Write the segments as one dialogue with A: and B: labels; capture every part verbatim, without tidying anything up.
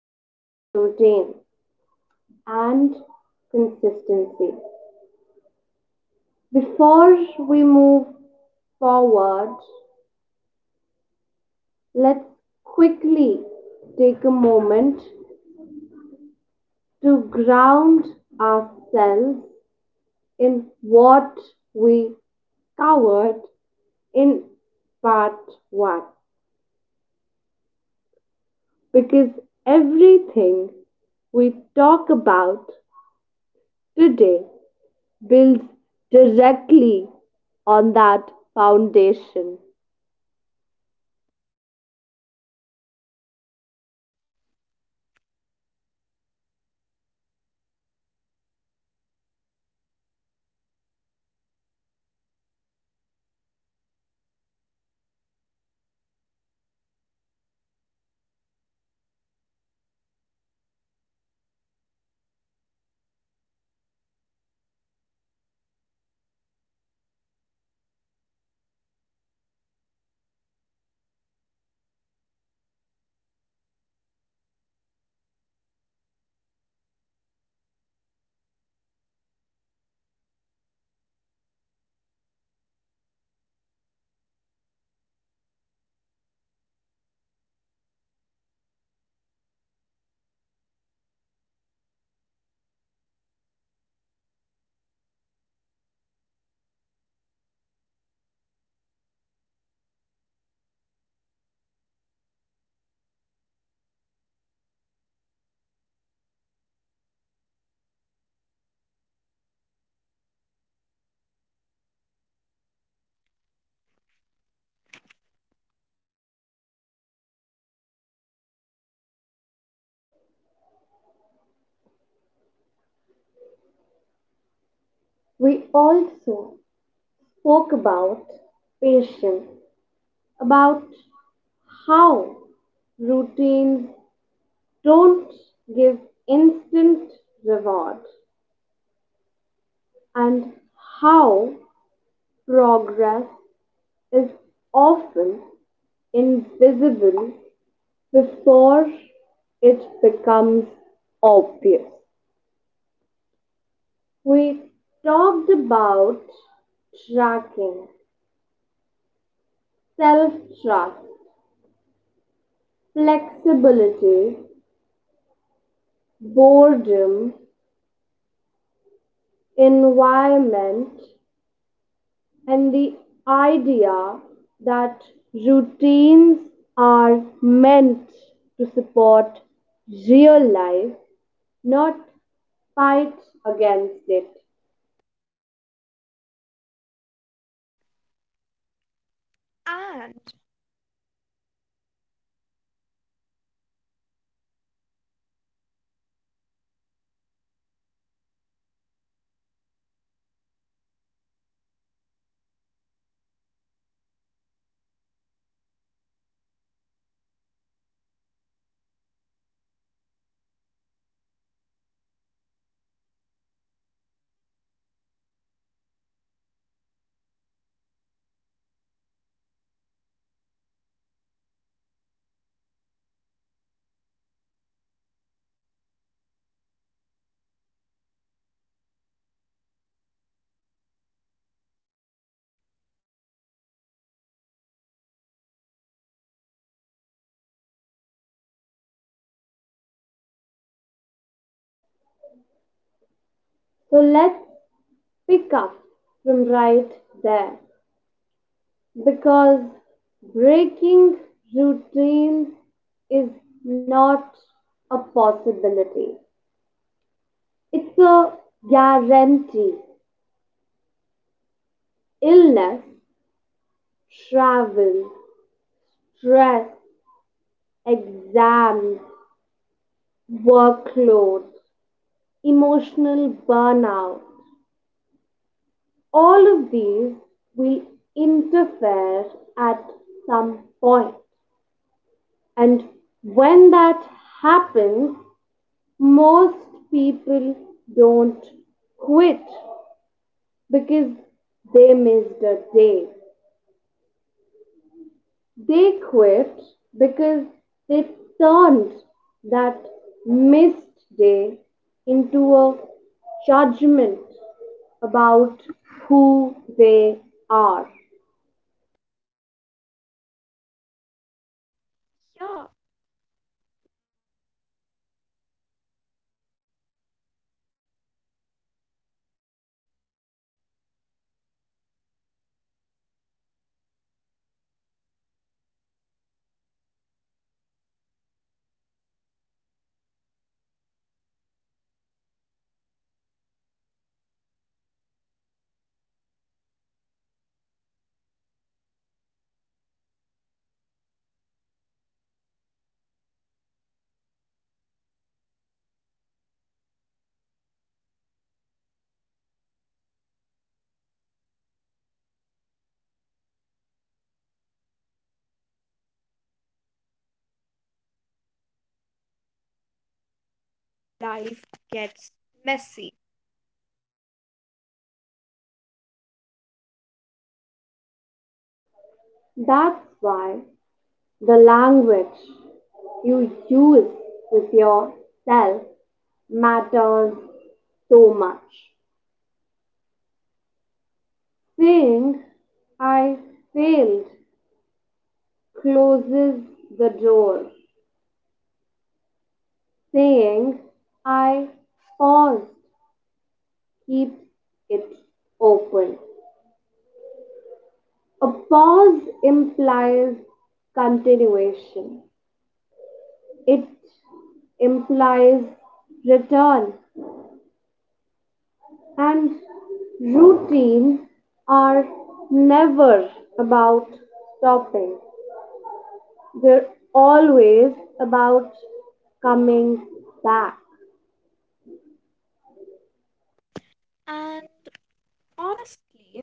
A: building routine and consistency. Before we move forward, let's quickly take a moment to ground ourselves in what we covered in part one because everything we talk about today builds directly on that foundation. We also spoke about patience, about how routines don't give instant reward, and how progress is often invisible before it becomes obvious. We talked about tracking, self trust, flexibility, boredom, environment, and the idea that routines are meant to support real life, not fight against it.
B: And
A: So let's pick up from right there because breaking routines is not a possibility, it's a guarantee. Illness, travel, stress, exams, workloads, emotional burnout. All of these will interfere at some point. And when that happens, most people don't quit because they missed a day. They quit because they turned that missed day into a judgment about who they are.
B: yeah, life gets messy.
A: That's why the language you use with yourself matters so much. Saying I failed closes the door. Saying I paused keeps it open. A pause implies continuation, it implies return, and routines are never about stopping, they're always about coming back.
B: And honestly,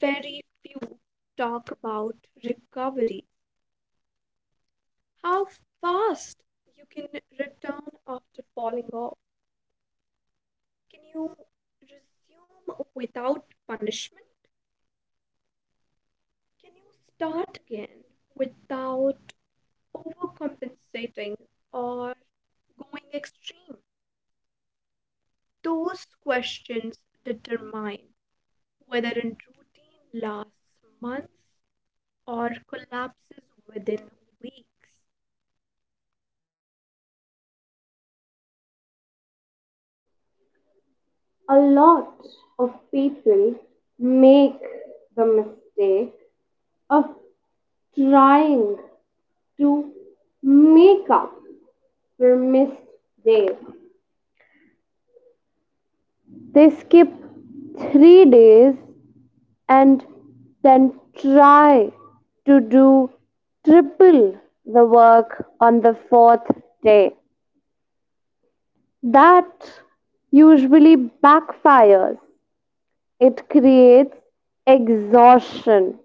B: very few talk about recovery. How fast you can return after falling off. Can you resume without punishment? Can you start again without overcompensating or going extreme? Those questions determine whether a routine lasts months or collapses within weeks.
A: A lot of people make the mistake of trying to make up for missed days. They skip three days and then try to do triple the work on the fourth day. That usually backfires, it creates exhaustion,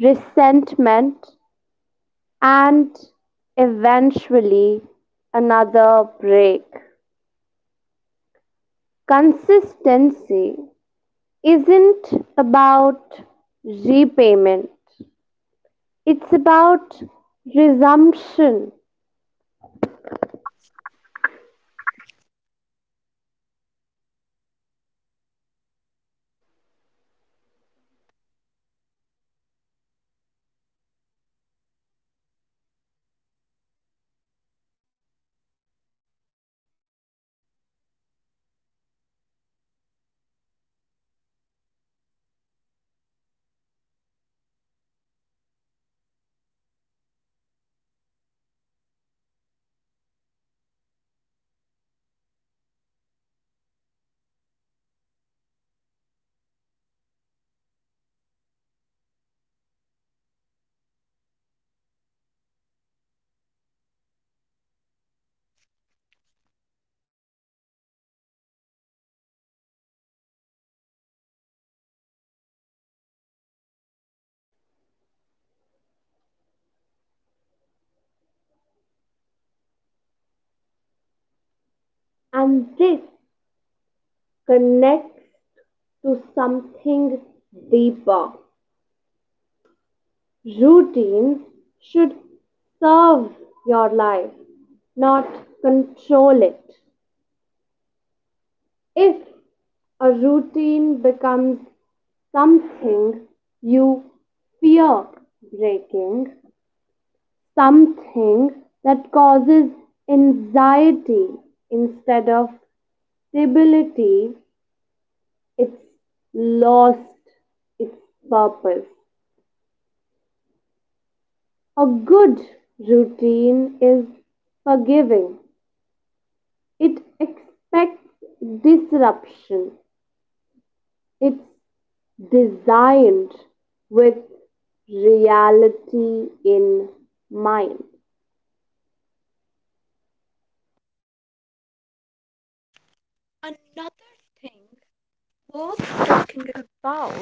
A: resentment, and eventually another break. Consistency isn't about repayment, it's about resumption, and this connects to something deeper. Routines should serve your life, not control it. If a routine becomes something you fear breaking, something that causes anxiety instead of stability, it's lost its purpose. A good routine is forgiving, it expects disruption, it's designed with reality in mind.
B: Another thing worth talking about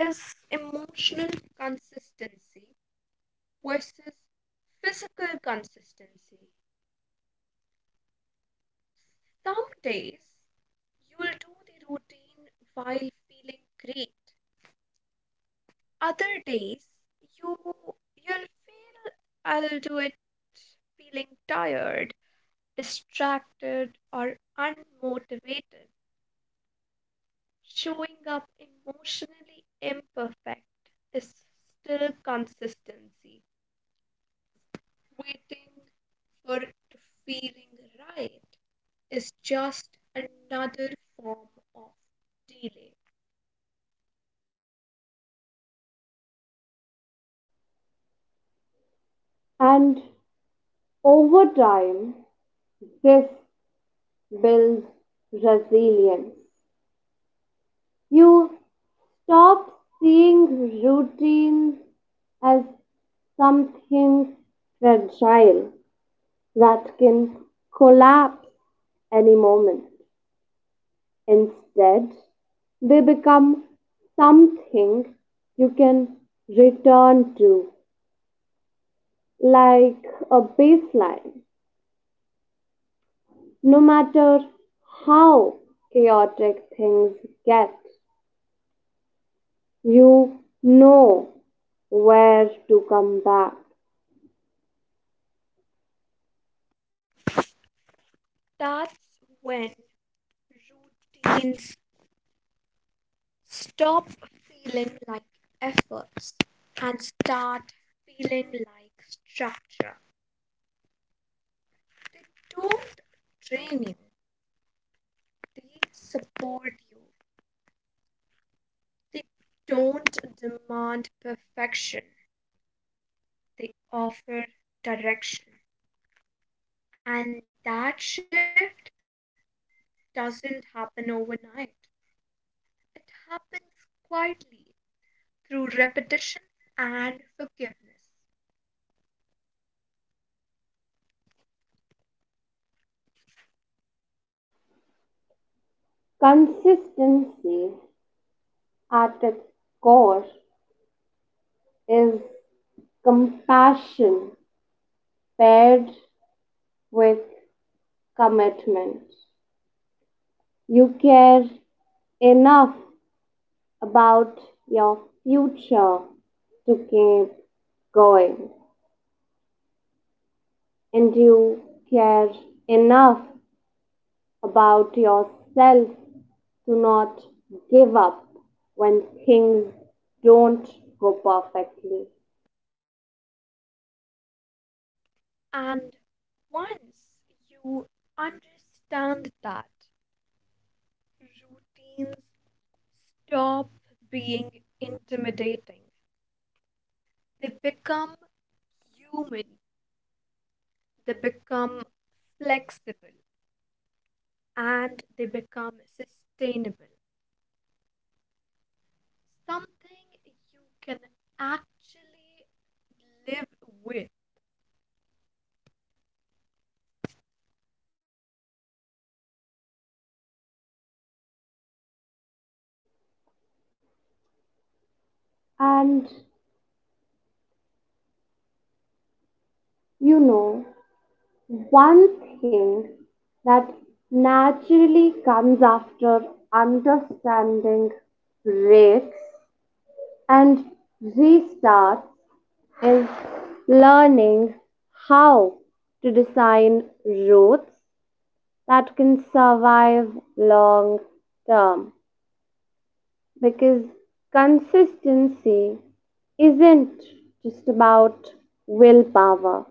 B: is emotional consistency versus physical consistency. Some days you will do the routine while feeling great. Other days you you'll feel I'll do it feeling tired, distracted, or unmotivated. Showing up emotionally imperfect is still consistency. Waiting for it to feeling right is just another form of delay.
A: And over time, this builds resilience. You stop seeing routines as something fragile that can collapse any moment. Instead, they become something you can return to, like a baseline. No matter how chaotic things get, you know where to come back.
B: That's when routines stop feeling like efforts and start feeling like structure. They don't train you, they support you. They don't demand perfection. They offer direction. And that shift doesn't happen overnight. It happens quietly through repetition and forgiveness.
A: Consistency at its core is compassion paired with commitment. You care enough about your future to keep going and you care enough about yourself to not give up when things don't go perfectly.
B: And once you understand that, routines stop being intimidating. They become human, they become flexible, and they become sustainable. Something you can actually live with.
A: And you know, one thing that naturally comes after understanding breaks and restarts is learning how to design routes that can survive long term because consistency isn't just about willpower,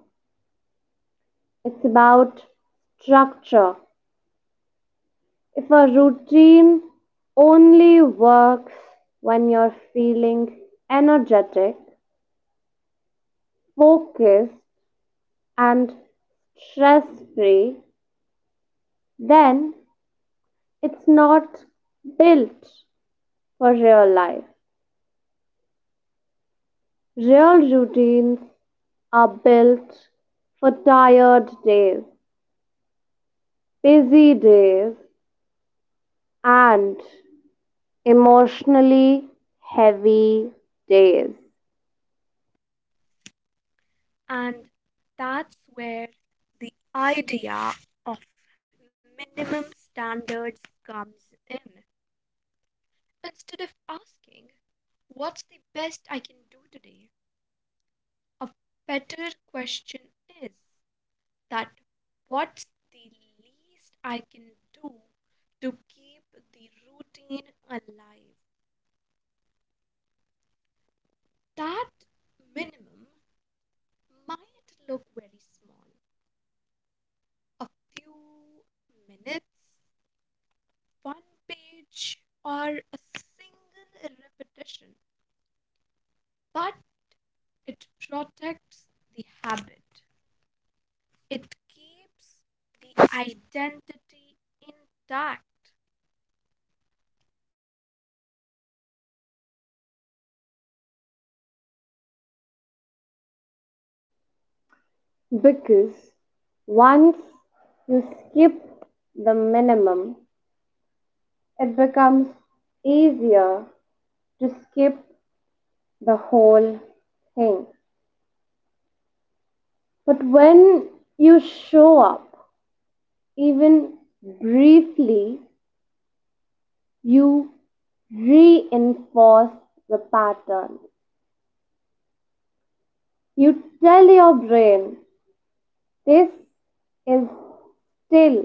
A: it's about structure. If a routine only works when you're feeling energetic, focused, and stress free, then it's not built for real life. Real routines are built for tired days, busy days, and emotionally heavy days.
B: And that's where the idea of minimum standards comes in. Instead of asking, what's the best I can do today? A better question is that, what's the least I can do to keep the routine alive? That minimum might look very small: a few minutes, one page, or a single repetition, but it protects the habit, it keeps the identity intact.
A: Because once you skip the minimum, it becomes easier to skip the whole thing. But when you show up, even briefly, you reinforce the pattern. You tell your brain, this is still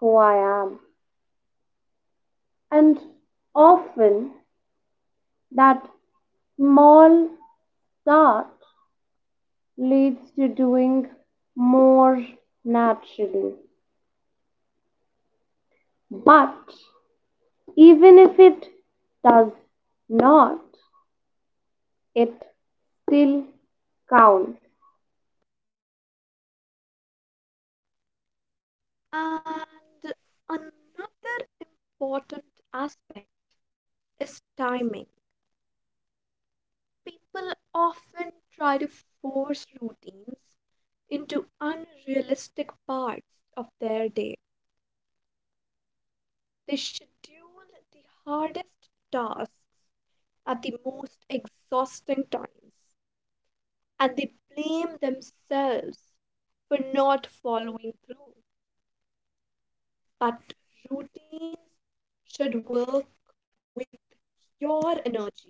A: who I am. And often that small start leads to doing more naturally. But even if it does not, it still counts.
B: And another important aspect is timing. People often try to force routines into unrealistic parts of their day. They schedule the hardest tasks at the most exhausting times and they blame themselves for not following through. But routines should work with your energy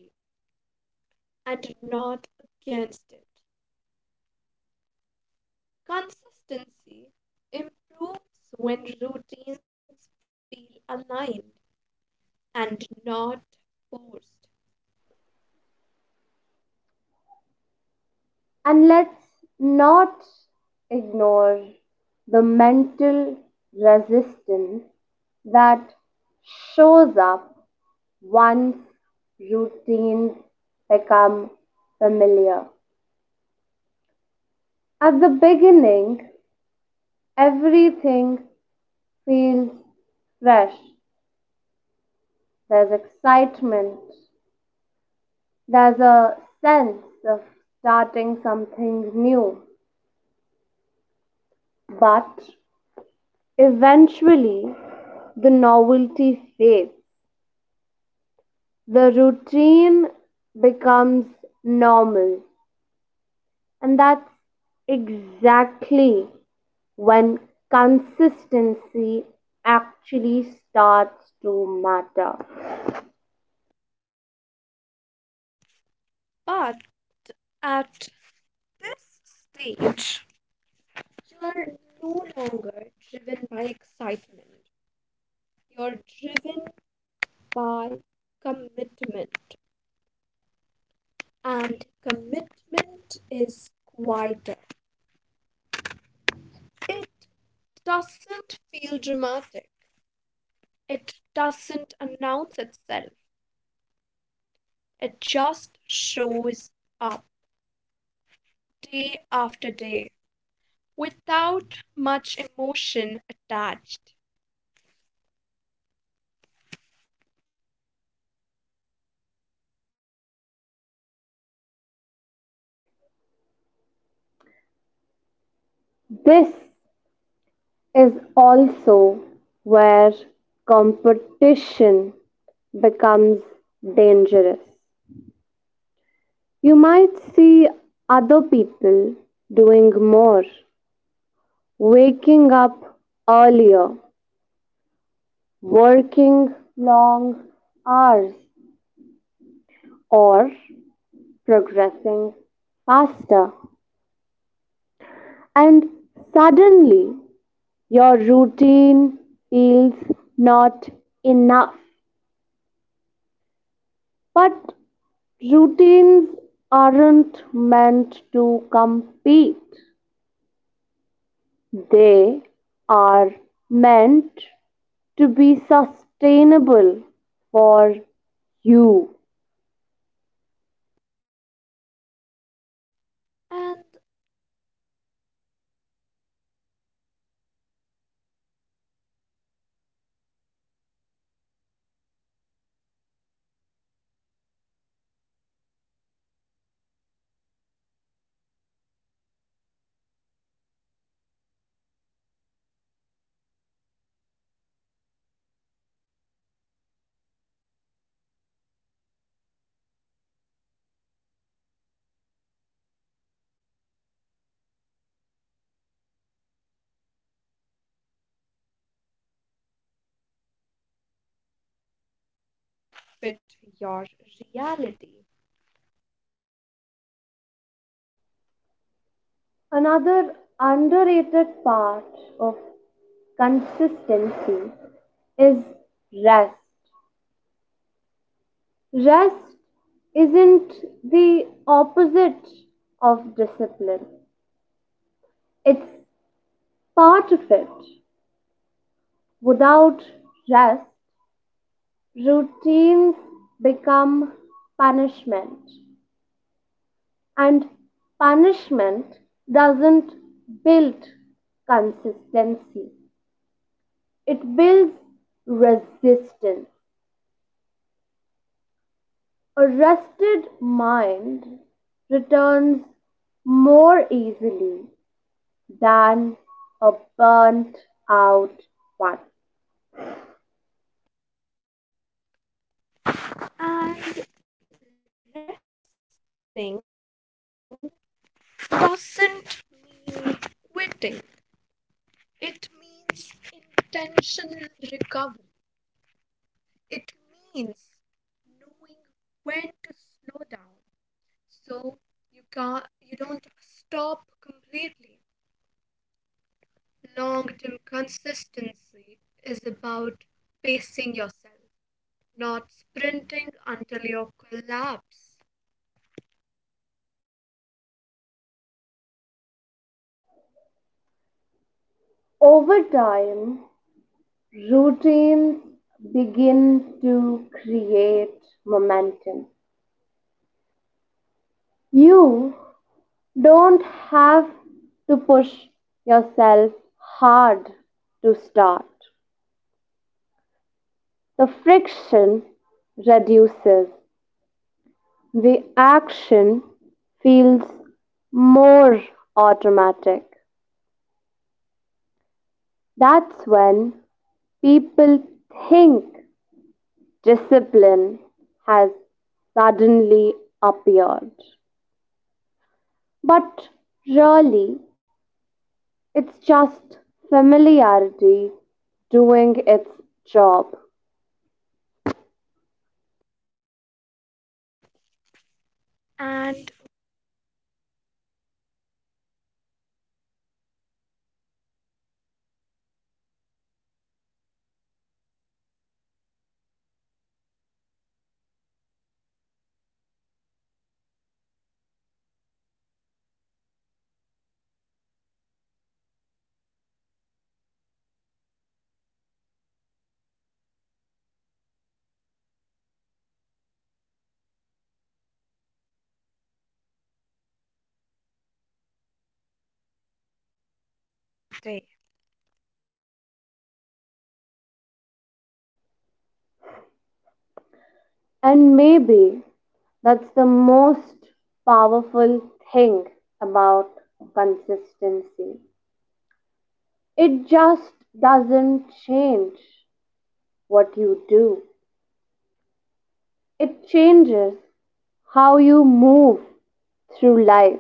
B: and not against it. Consistency improves when routines feel aligned and not forced.
A: And let's not ignore the mental resistance that shows up once routines become familiar. At the beginning, everything feels fresh. There's excitement, there's a sense of starting something new. But eventually, the novelty fades. The routine becomes normal. And that's exactly when consistency actually starts to matter.
B: But at this stage, you're no longer driven by excitement, you're driven by commitment, and commitment is quieter. It doesn't feel dramatic, it doesn't announce itself, it just shows up day after day without much emotion attached,
A: This is also where competition becomes dangerous. You might see other people doing more, waking up earlier, working long hours, or progressing faster. And suddenly, your routine feels not enough. But routines aren't meant to compete, they are meant to be sustainable for you.
B: and fit your reality.
A: Another underrated part of consistency is rest. Rest isn't the opposite of discipline, it's part of it. Without rest, routines become punishment, and punishment doesn't build consistency, it builds resistance. A rested mind returns more easily than a burnt out one.
B: And resting doesn't mean quitting, it means intentional recovery. It means knowing when to slow down so you can't you don't stop completely. Long term consistency is about pacing yourself, not sprinting until you collapse.
A: Over time, routines begin to create momentum. You don't have to push yourself hard to start. The friction reduces, the action feels more automatic. That's when people think discipline has suddenly appeared. But really, it's just familiarity doing its job.
B: and day
A: And maybe that's the most powerful thing about consistency. It just doesn't change what you do, it changes how you move through life.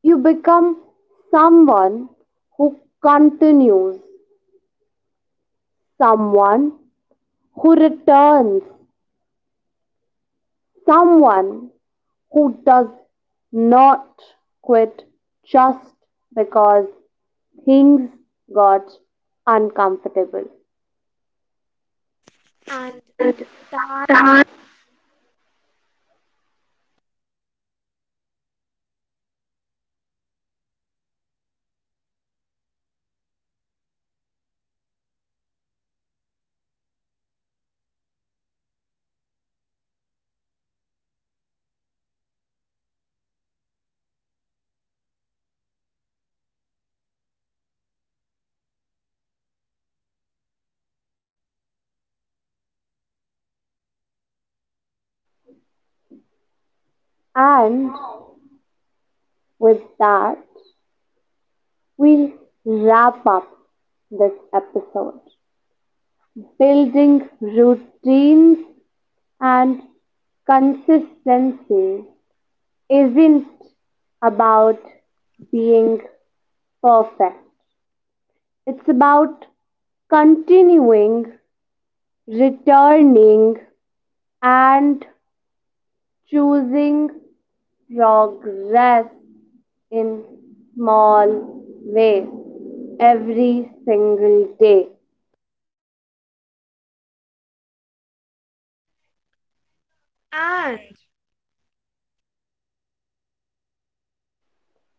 A: You become someone who continues, someone who returns, someone who does not quit just because things got uncomfortable.
B: and
A: And with that, we will wrap up this episode. Building routines and consistency isn't about being perfect. It's about continuing, returning, and choosing progress in small ways every single day.
B: and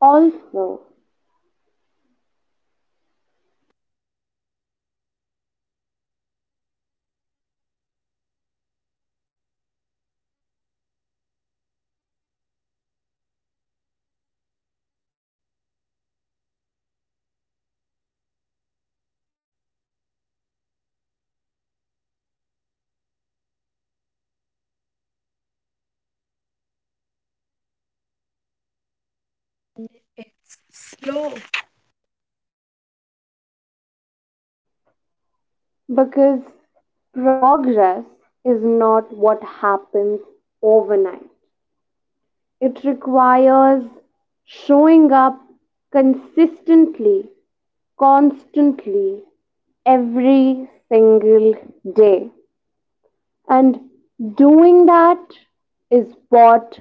A: Also,
B: it's slow
A: because progress is not what happens overnight. It requires showing up consistently, constantly, every single day. And doing that is what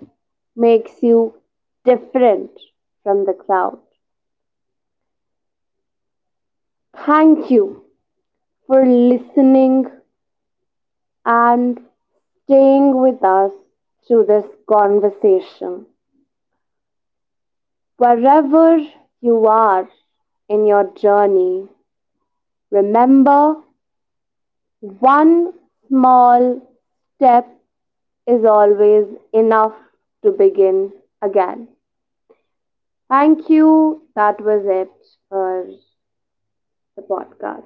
A: makes you different from the crowd. Thank you for listening and staying with us through this conversation. Wherever you are in your journey, remember, one small step is always enough to begin again. Thank you. That was it for the podcast.